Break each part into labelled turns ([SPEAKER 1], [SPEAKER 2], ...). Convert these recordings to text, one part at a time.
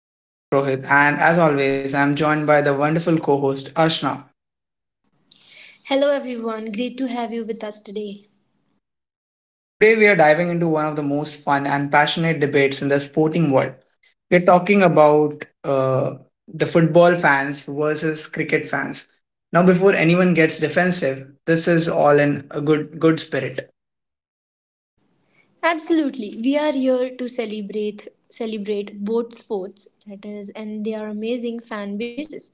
[SPEAKER 1] I'm your host, Rohit, and as always, I'm joined by the wonderful co host, Ashna.
[SPEAKER 2] Hello, everyone. Great to have you with us today.
[SPEAKER 1] Today, we are diving into one of the most fun and passionate debates in the sporting world. We're talking about the football fans versus cricket fans. Now, before anyone gets defensive, this is all in a good spirit.
[SPEAKER 2] Absolutely, we are here to celebrate both sports, that is, and they are amazing fan bases.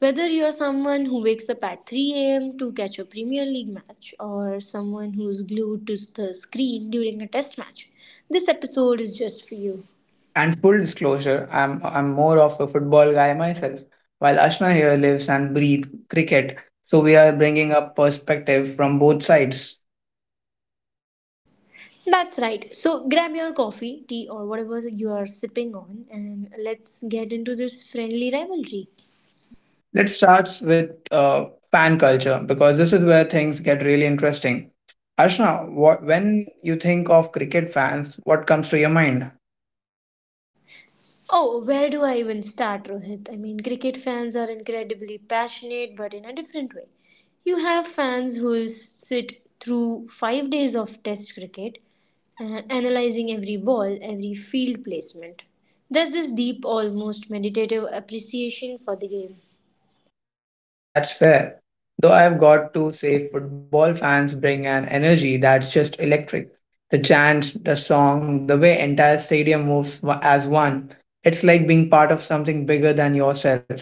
[SPEAKER 2] Whether you're someone who wakes up at 3 a.m. to catch a Premier League match or someone who's glued to the screen during a test match, this episode is just for you.
[SPEAKER 1] And full disclosure, I'm more of a football guy myself, while Ashna here lives and breathes cricket. So we are bringing up perspective from both sides.
[SPEAKER 2] That's right. So grab your coffee, tea, or whatever you are sipping on, and let's get into this friendly rivalry.
[SPEAKER 1] Let's start with fan culture because this is where things get really interesting. Ashna, what when you think of cricket fans, what comes to your mind?
[SPEAKER 2] Oh, where do I even start, Rohit? I mean, cricket fans are incredibly passionate, but in a different way. You have fans who will sit through 5 days of test cricket, analyzing every ball, every field placement. There's this deep, almost meditative appreciation for the game.
[SPEAKER 1] That's fair. Though I've got to say, football fans bring an energy that's just electric. The chants, the song, the way entire stadium moves as one. It's like being part of something bigger than yourself.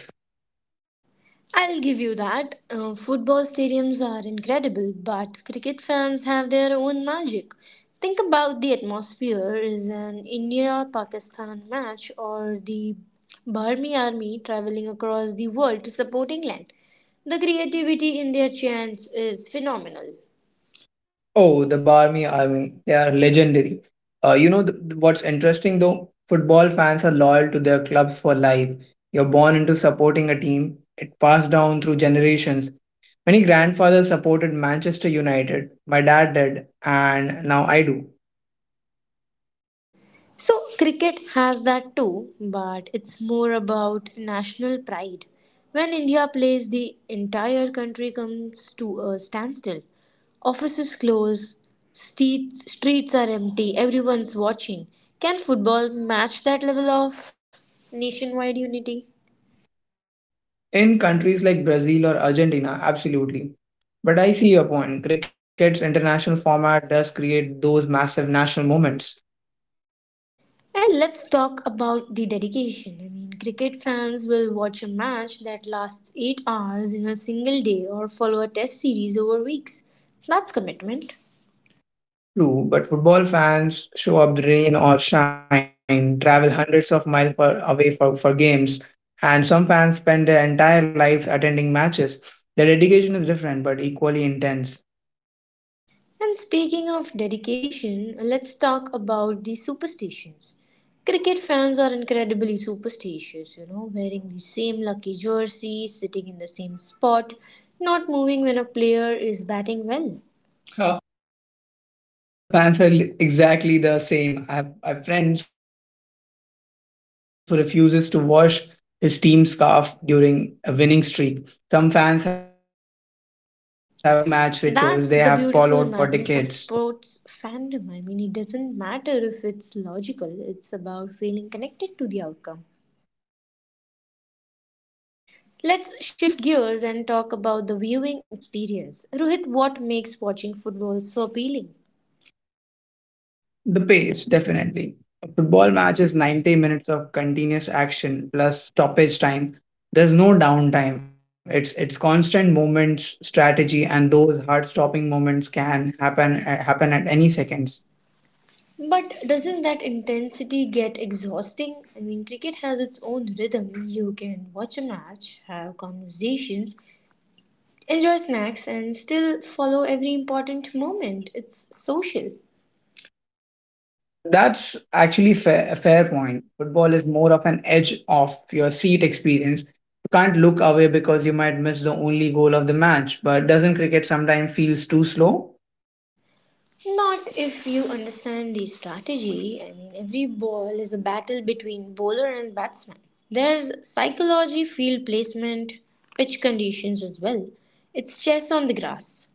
[SPEAKER 2] I'll give you that. Football stadiums are incredible, but cricket fans have their own magic. Think about the atmosphere is an India Pakistan match or the Burmese army traveling across the world to support England. The creativity in their chants is phenomenal.
[SPEAKER 1] Oh, the Barmy Army, they are legendary. You know, what's interesting though? Football fans are loyal to their clubs for life. You're born into supporting a team, it passed down through generations. Many grandfathers supported Manchester United, my dad did, and now I do.
[SPEAKER 2] So, cricket has that too, but it's more about national pride. When India plays, the entire country comes to a standstill. Offices close, streets are empty, everyone's watching. Can football match that level of nationwide unity?
[SPEAKER 1] In countries like Brazil or Argentina, absolutely. But I see your point. Cricket's international format does create those massive national moments.
[SPEAKER 2] And let's talk about the dedication. I mean, cricket fans will watch a match that lasts 8 hours in a single day or follow a test series over weeks. That's commitment.
[SPEAKER 1] True, but football fans show up rain or shine, travel hundreds of miles away for games, and some fans spend their entire lives attending matches. The dedication is different but equally intense.
[SPEAKER 2] And speaking of dedication, let's talk about the superstitions. Cricket fans are incredibly superstitious, you know, wearing the same lucky jersey, sitting in the same spot, not moving when a player is batting well. Huh.
[SPEAKER 1] Uh, Football fans are exactly the same. I have friends who refuses to wash his team scarf during a winning streak. Some fans have pre-match rituals they have followed for decades.
[SPEAKER 2] That's the beautiful madness of sports fandom. I mean, it doesn't matter if it's logical, it's about feeling connected to the outcome. Let's shift gears and talk about the viewing experience. Rohit, what makes watching football so appealing?
[SPEAKER 1] The pace, definitely. A football match is 90 minutes of continuous action plus stoppage time. There's no downtime. It's constant movements, strategy, and those heart-stopping moments can happen at any seconds.
[SPEAKER 2] But doesn't that intensity get exhausting? I mean, cricket has its own rhythm. You can watch a match, have conversations, enjoy snacks, and still follow every important moment. It's social.
[SPEAKER 1] That's actually fair, a fair point. Football is more of an edge of your seat experience. You can't look away because you might miss the only goal of the match. But doesn't cricket sometimes feels too slow?
[SPEAKER 2] Not if you understand the strategy. I mean, every ball is a battle between bowler and batsman. There's psychology, field placement, pitch conditions as well. It's chess on the grass.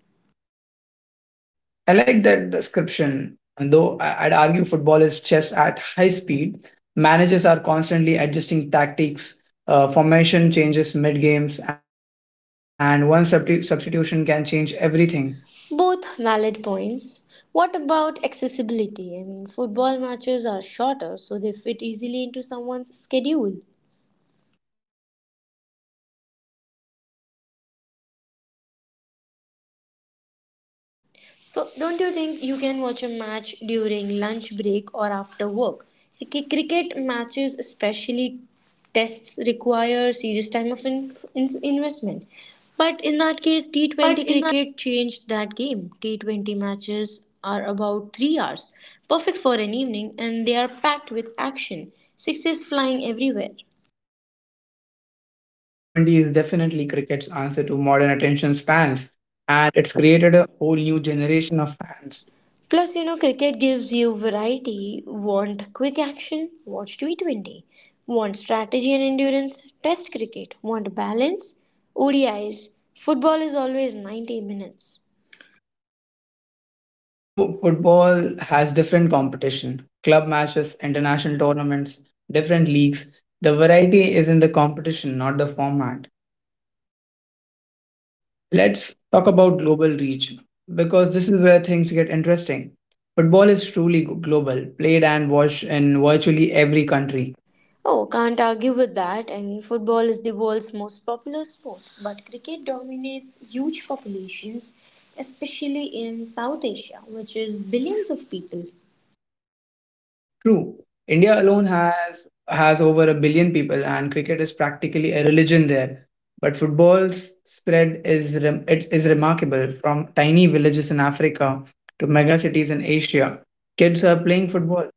[SPEAKER 1] I like that description, and though I'd argue football is chess at high speed. Managers are constantly adjusting tactics, formation changes mid games, and one substitution can change everything.
[SPEAKER 2] Both valid points. What about accessibility? I mean, football matches are shorter, so they fit easily into someone's schedule. So, don't you think you can watch a match during lunch break or after work? Cricket matches, especially tests, require serious time of investment. But in that case,
[SPEAKER 1] But
[SPEAKER 2] T20
[SPEAKER 1] in the
[SPEAKER 2] cricket changed that game. T20 matches are about 3 hours, perfect for an evening, and they are packed with action. Sixes flying everywhere.
[SPEAKER 1] T20 is definitely cricket's answer to modern attention spans, and it's created a whole new generation of fans.
[SPEAKER 2] Plus, you know, cricket gives you variety. Want quick action? Watch T20. Want strategy and endurance? Test cricket. Want balance? ODIs. Football is always 90 minutes.
[SPEAKER 1] Though football has different competition club matches, international tournaments, different leagues, the variety is in the competition, not the format. Let's talk about global reach because this is where things get interesting. Football is truly global, played and watched in virtually every country.
[SPEAKER 2] Oh, can't argue with that. I mean, football is the world's most popular sport, but cricket dominates huge populations, especially in South Asia, which is billions of people.
[SPEAKER 1] True. India alone has over a billion people and cricket is practically a religion there. But football's spread is it is remarkable from tiny villages in Africa to mega cities in Asia. Kids are playing football.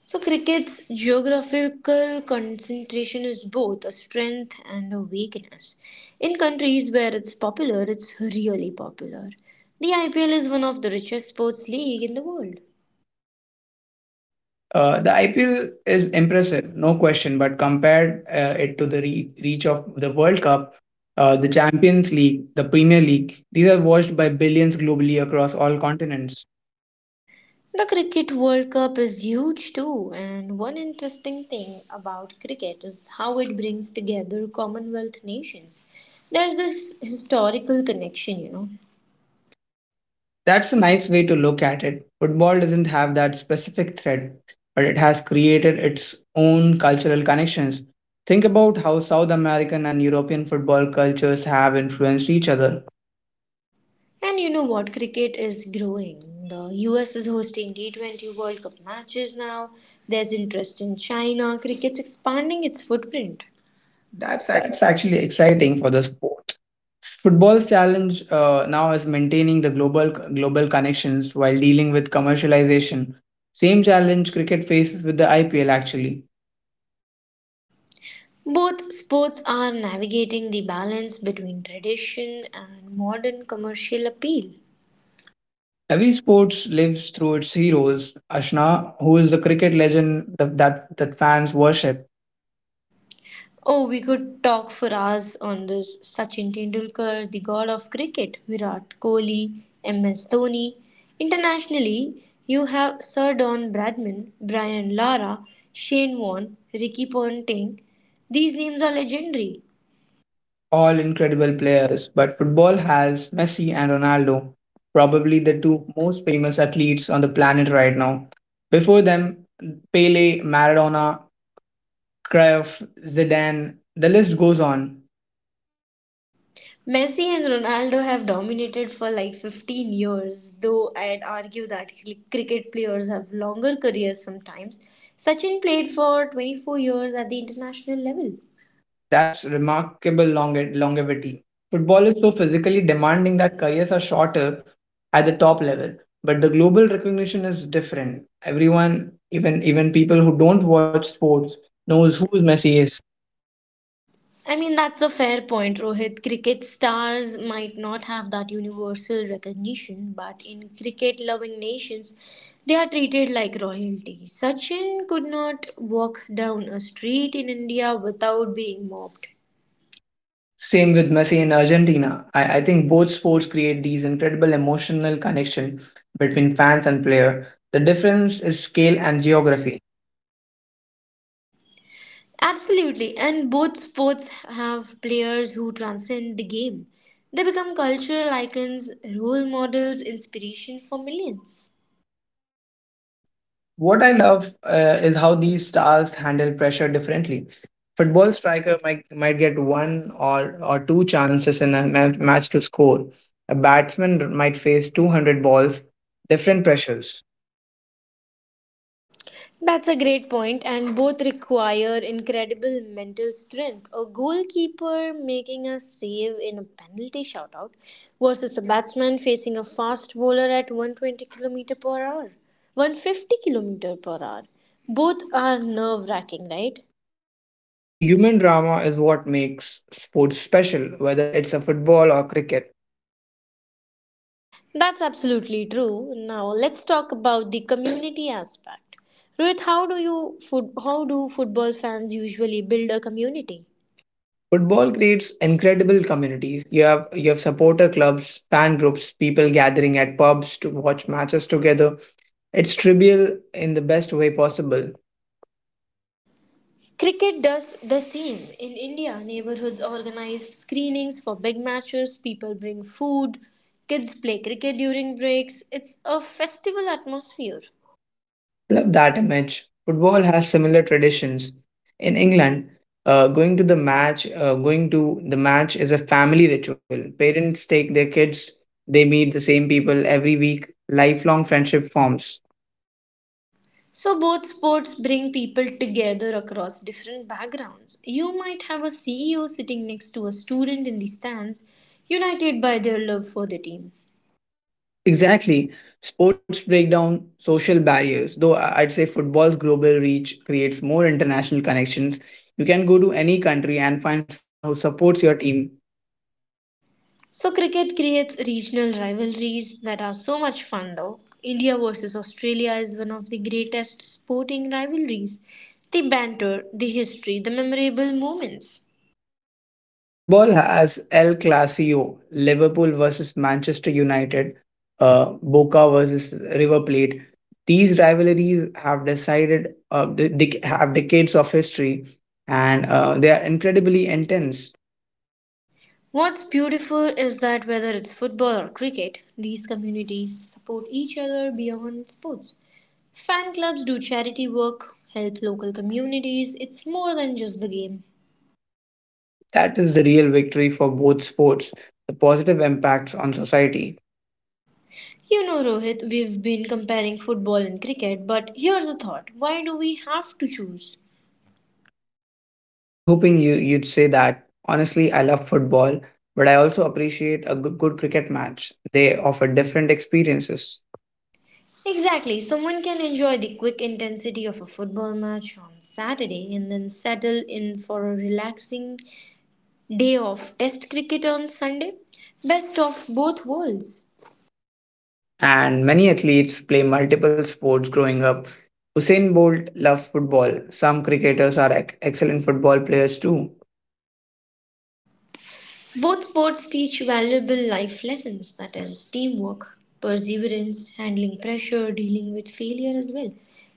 [SPEAKER 2] So, cricket's geographical concentration is both a strength and a weakness. In countries where it's popular, it's really popular. The IPL is one of the richest sports league in the world.
[SPEAKER 1] The IPL is impressive, no question, but compared it to the reach of the World Cup, the Champions League, the Premier League, these are watched by billions globally across all continents.
[SPEAKER 2] The Cricket World Cup is huge too, and one interesting thing about cricket is how it brings together Commonwealth nations. There's this historical connection, you know.
[SPEAKER 1] That's a nice way to look at it. Football doesn't have that specific thread, but it has created its own cultural connections. Think about how South American and European football cultures have influenced each other.
[SPEAKER 2] And you know what? Cricket is growing. The US is hosting T20 World Cup matches now. There's interest in China. Cricket's expanding its footprint. That's ac-
[SPEAKER 1] That's actually exciting for the sport. Football's challenge now is maintaining the global connections while dealing with commercialization. Same challenge cricket faces with the IPL actually.
[SPEAKER 2] Both sports are navigating the balance between tradition and modern commercial appeal.
[SPEAKER 1] Every sports lives through its heroes. Ashna, who is the cricket legend that fans worship,
[SPEAKER 2] Oh, we could talk for hours on this. Sachin Tendulkar, the god of cricket, Virat Kohli, MS Dhoni. Internationally, you have Sir Don Bradman, Brian Lara, Shane Warne, Ricky Ponting. These names are legendary.
[SPEAKER 1] all incredible players. But football has Messi and Ronaldo, probably the two most famous athletes on the planet right now. Before them, Pele, Maradona, cry of Zidane. The list goes on.
[SPEAKER 2] Messi and Ronaldo have dominated for like 15 years, though I'd argue that cricket players have longer careers sometimes. Sachin played for 24 years at the international level.
[SPEAKER 1] That's remarkable longevity. Football is so physically demanding that careers are shorter at the top level, but the global recognition is different. Everyone, even people who don't watch sports, knows who Messi is.
[SPEAKER 2] I mean, that's a fair point, Rohit. Cricket stars might not have that universal recognition, but in cricket loving nations, they are treated like royalty. Sachin could not walk down a street in India without being mobbed.
[SPEAKER 1] Same with Messi in Argentina. I think both sports create these incredible emotional connection between fans and player. The difference is scale and geography.
[SPEAKER 2] Absolutely, and both sports have players who transcend the game. They become cultural icons, role models, inspiration for millions.
[SPEAKER 1] What I love is how these stars handle pressure differently. Football striker might get one or two chances in a match to score. A batsman might face 200 balls, different pressures.
[SPEAKER 2] That's a great point, and both require incredible mental strength. A goalkeeper making a save in a penalty shoutout versus a batsman facing a fast bowler at 120 kilometer per hour, 150 kilometer per hour. Both are nerve wracking, right?
[SPEAKER 1] The human drama is what makes sports special, whether it's a football or cricket.
[SPEAKER 2] That's absolutely true. Now let's talk about the community aspect. Rohit, how do football fans usually build a community?
[SPEAKER 1] Football creates incredible communities. You have supporter clubs, fan groups, people gathering at pubs to watch matches together. It's trivial in the best way possible.
[SPEAKER 2] Cricket does the same. In India, neighborhoods organize screenings for big matches, people bring food, kids play cricket during breaks. It's a festival atmosphere.
[SPEAKER 1] Love that image. Football has similar traditions. In England, going to the match is a family ritual. Parents take their kids. They meet the same people every week. Lifelong friendship forms.
[SPEAKER 2] So, both sports bring people together across different backgrounds. You might have a CEO sitting next to a student in the stands, united by their love for the team.
[SPEAKER 1] Exactly. Sports break down social barriers, though I'd say football's global reach creates more international connections. You can go to any country and find someone who supports your team.
[SPEAKER 2] So, cricket creates regional rivalries that are so much fun though. India versus Australia is one of the greatest sporting rivalries. The banter, the history, the memorable moments.
[SPEAKER 1] Football has El Clasico, Liverpool versus Manchester United, uh, Boca versus River Plate. These rivalries have have decades of history, and they are incredibly intense.
[SPEAKER 2] What's beautiful is that whether it's football or cricket, these communities support each other beyond sports. Fan clubs do charity work, help local communities, it's more than just the game.
[SPEAKER 1] That is the real victory for both sports, the positive impacts on society.
[SPEAKER 2] You know, Rohit, we've been comparing football and cricket, but here's a thought why do we have to choose?
[SPEAKER 1] I was hoping you'd say that. Honestly, I love football, but I also appreciate a good cricket match. They offer different experiences.
[SPEAKER 2] Exactly. Someone can enjoy the quick intensity of a football match on Saturday and then settle in for a relaxing day of test cricket on Sunday. Best of both worlds.
[SPEAKER 1] And many athletes play multiple sports growing up. Usain Bolt loves football. Some cricketers are excellent football players too.
[SPEAKER 2] Both sports teach valuable life lessons that is, teamwork, perseverance, handling pressure, dealing with failure as well.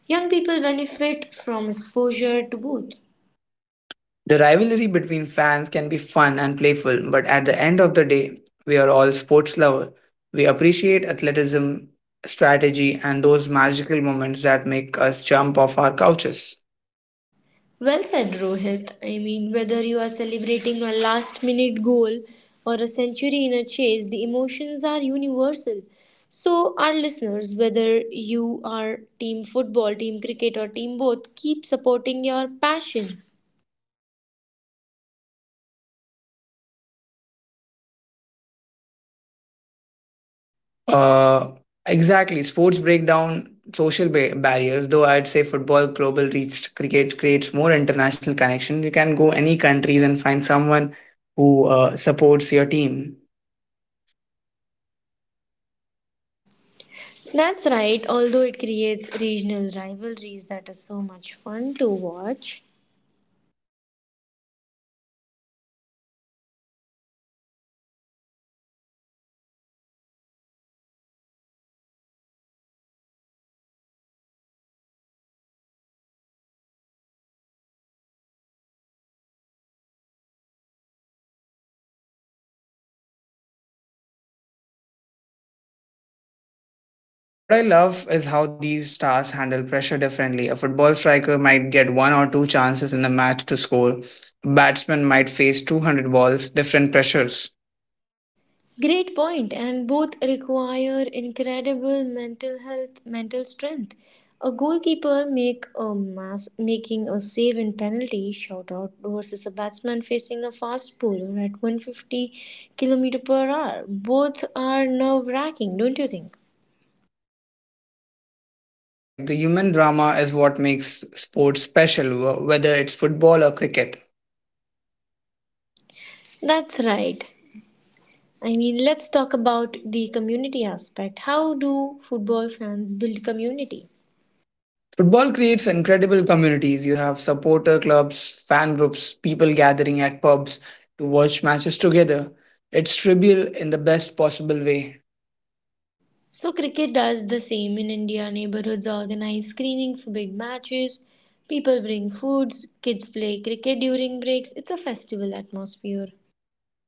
[SPEAKER 2] Young people benefit from exposure to both.
[SPEAKER 1] The rivalry between fans can be fun and playful, but at the end of the day, we are all sports lovers. We appreciate athleticism, strategy, and those magical moments that make us jump off our couches.
[SPEAKER 2] Well said, Rohit. I mean, whether you are celebrating a last minute goal or a century in a chase, the emotions are universal. So, our listeners, whether you are team football, team cricket, or team both, keep supporting your passion.
[SPEAKER 1] Uh, exactly. Sports break down social barriers, though I'd say football global reach cricket creates more international connections. You can go any countries and find someone who supports your team.
[SPEAKER 2] That's right, although it creates regional rivalries that is so much fun to watch.
[SPEAKER 1] What I love is how these stars handle pressure differently. A football striker might get one or two chances in a match to score. Batsmen might face 200 balls, different pressures.
[SPEAKER 2] Great point, and both require incredible mental health, mental strength. A goalkeeper make a mass making a save in penalty shoutout versus a batsman facing a fast bowler at 150 kilometer per hour. Both are nerve wracking, don't you think?
[SPEAKER 1] Correct. The human drama is what makes sports special, whether it's football or cricket.
[SPEAKER 2] That's right. I mean, let's talk about the community aspect. How do football fans build community?
[SPEAKER 1] Football creates incredible communities. You have supporter clubs, fan groups, people gathering at pubs to watch matches together. It's trivial in the best possible way.
[SPEAKER 2] So, cricket does the same in India. Neighborhoods organize screening for big matches. People bring foods. Kids play cricket during breaks. It's a festival atmosphere.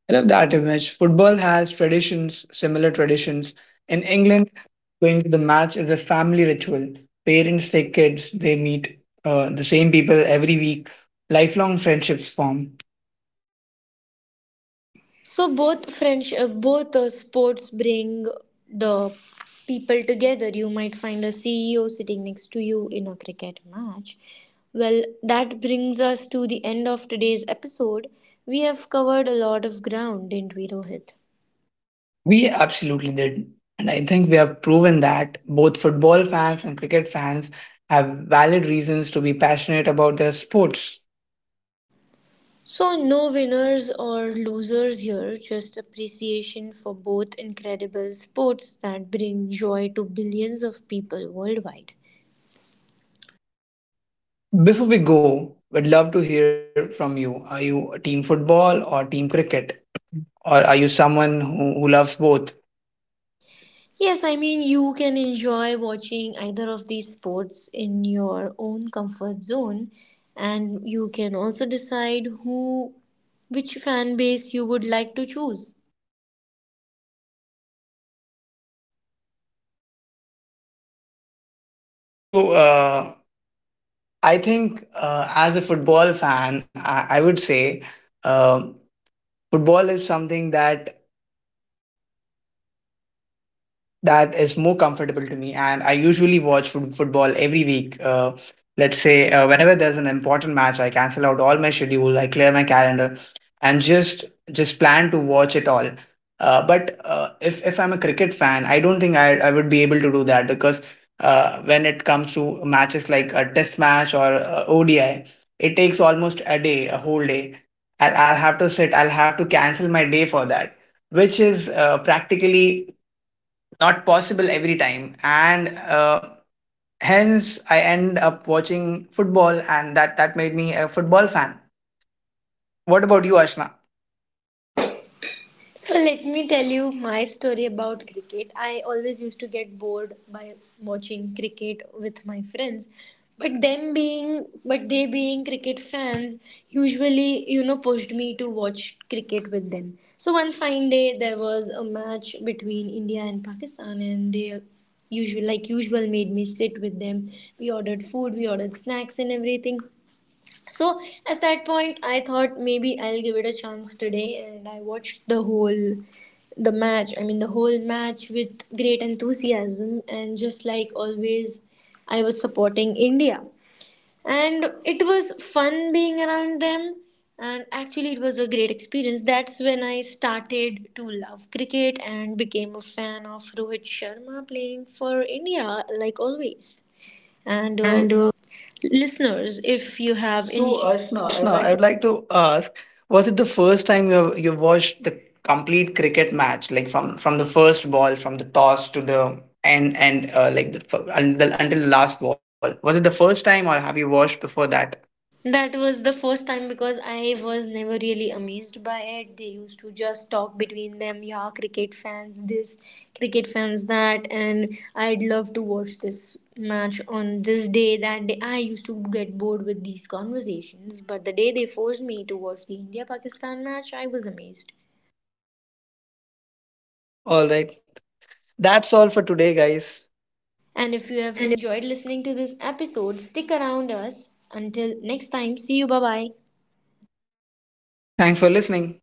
[SPEAKER 1] I love that image. Football has traditions, similar traditions. In England, going to the match is a family ritual. Parents take kids, they meet the same people every week, lifelong friendships form.
[SPEAKER 2] Both sports bring the people together. You might find a CEO sitting next to you in a cricket match. Well, that brings us to the end of today's episode. We have covered a lot of ground, didn't we, Rohit?
[SPEAKER 1] We absolutely did. And I think we have proven that both football fans and cricket fans have valid reasons to be passionate about their sports.
[SPEAKER 2] So, no winners or losers here, just appreciation for both incredible sports that bring joy to billions of people worldwide.
[SPEAKER 1] Before we go, we'd love to hear from you. Are you a team football or team cricket? Or are you someone who loves both?
[SPEAKER 2] Yes, I mean, you can enjoy watching either of these sports in your own comfort zone, and you can also decide who which fan base you would like to choose.
[SPEAKER 1] So I think as a football fan, I would say uh, football is something that is more comfortable to me, and I usually watch football every week. Let's say, whenever there's an important match, I cancel out all my schedule, I clear my calendar, and just plan to watch it all. But If I'm a cricket fan, I don't think I would be able to do that, because when it comes to matches like a test match or odi, it takes almost a whole day. I'll have to sit, I'll have to cancel my day for that, which is practically not possible every time, and hence I end up watching football, and that made me a football fan. What about you, Ashna?
[SPEAKER 2] So let me tell you my story about cricket. I always used to get bored by watching cricket with my friends. But they being cricket fans usually you know pushed me to watch cricket with them. So one fine day there was a match between India and Pakistan and they usual made me sit with them. We ordered food, we ordered snacks and everything. So at that point, I thought maybe I'll give it a chance today, and I watched the match. I mean, the whole match with great enthusiasm, and just like always, I was supporting India, and it was fun being around them. And actually, it was a great experience. That's when I started to love cricket and became a fan of Rohit Sharma playing for India, like always. And
[SPEAKER 1] And
[SPEAKER 2] listeners if you have any So,
[SPEAKER 1] so
[SPEAKER 2] Ashna, I
[SPEAKER 1] Ashna, I
[SPEAKER 2] like
[SPEAKER 1] would like to ask, was it the first time you watched the complete cricket match, like from the first ball, from the toss to the end, and until the last ball? Was it the first time, or have you watched before that?
[SPEAKER 2] that was the first time because I was never really amazed by it. They used to just talk between them, yeah, cricket fans this, cricket fans that, and I'd love to watch this match on this day, that day I used to get bored with these conversations, but the day they forced me to watch the India Pakistan match, I was amazed.
[SPEAKER 1] Oh, all right, that's all for today, guys,
[SPEAKER 2] And if you have
[SPEAKER 1] and
[SPEAKER 2] enjoyed listening to this episode, stick around us until next time. See you, bye bye.
[SPEAKER 1] thanks for listening.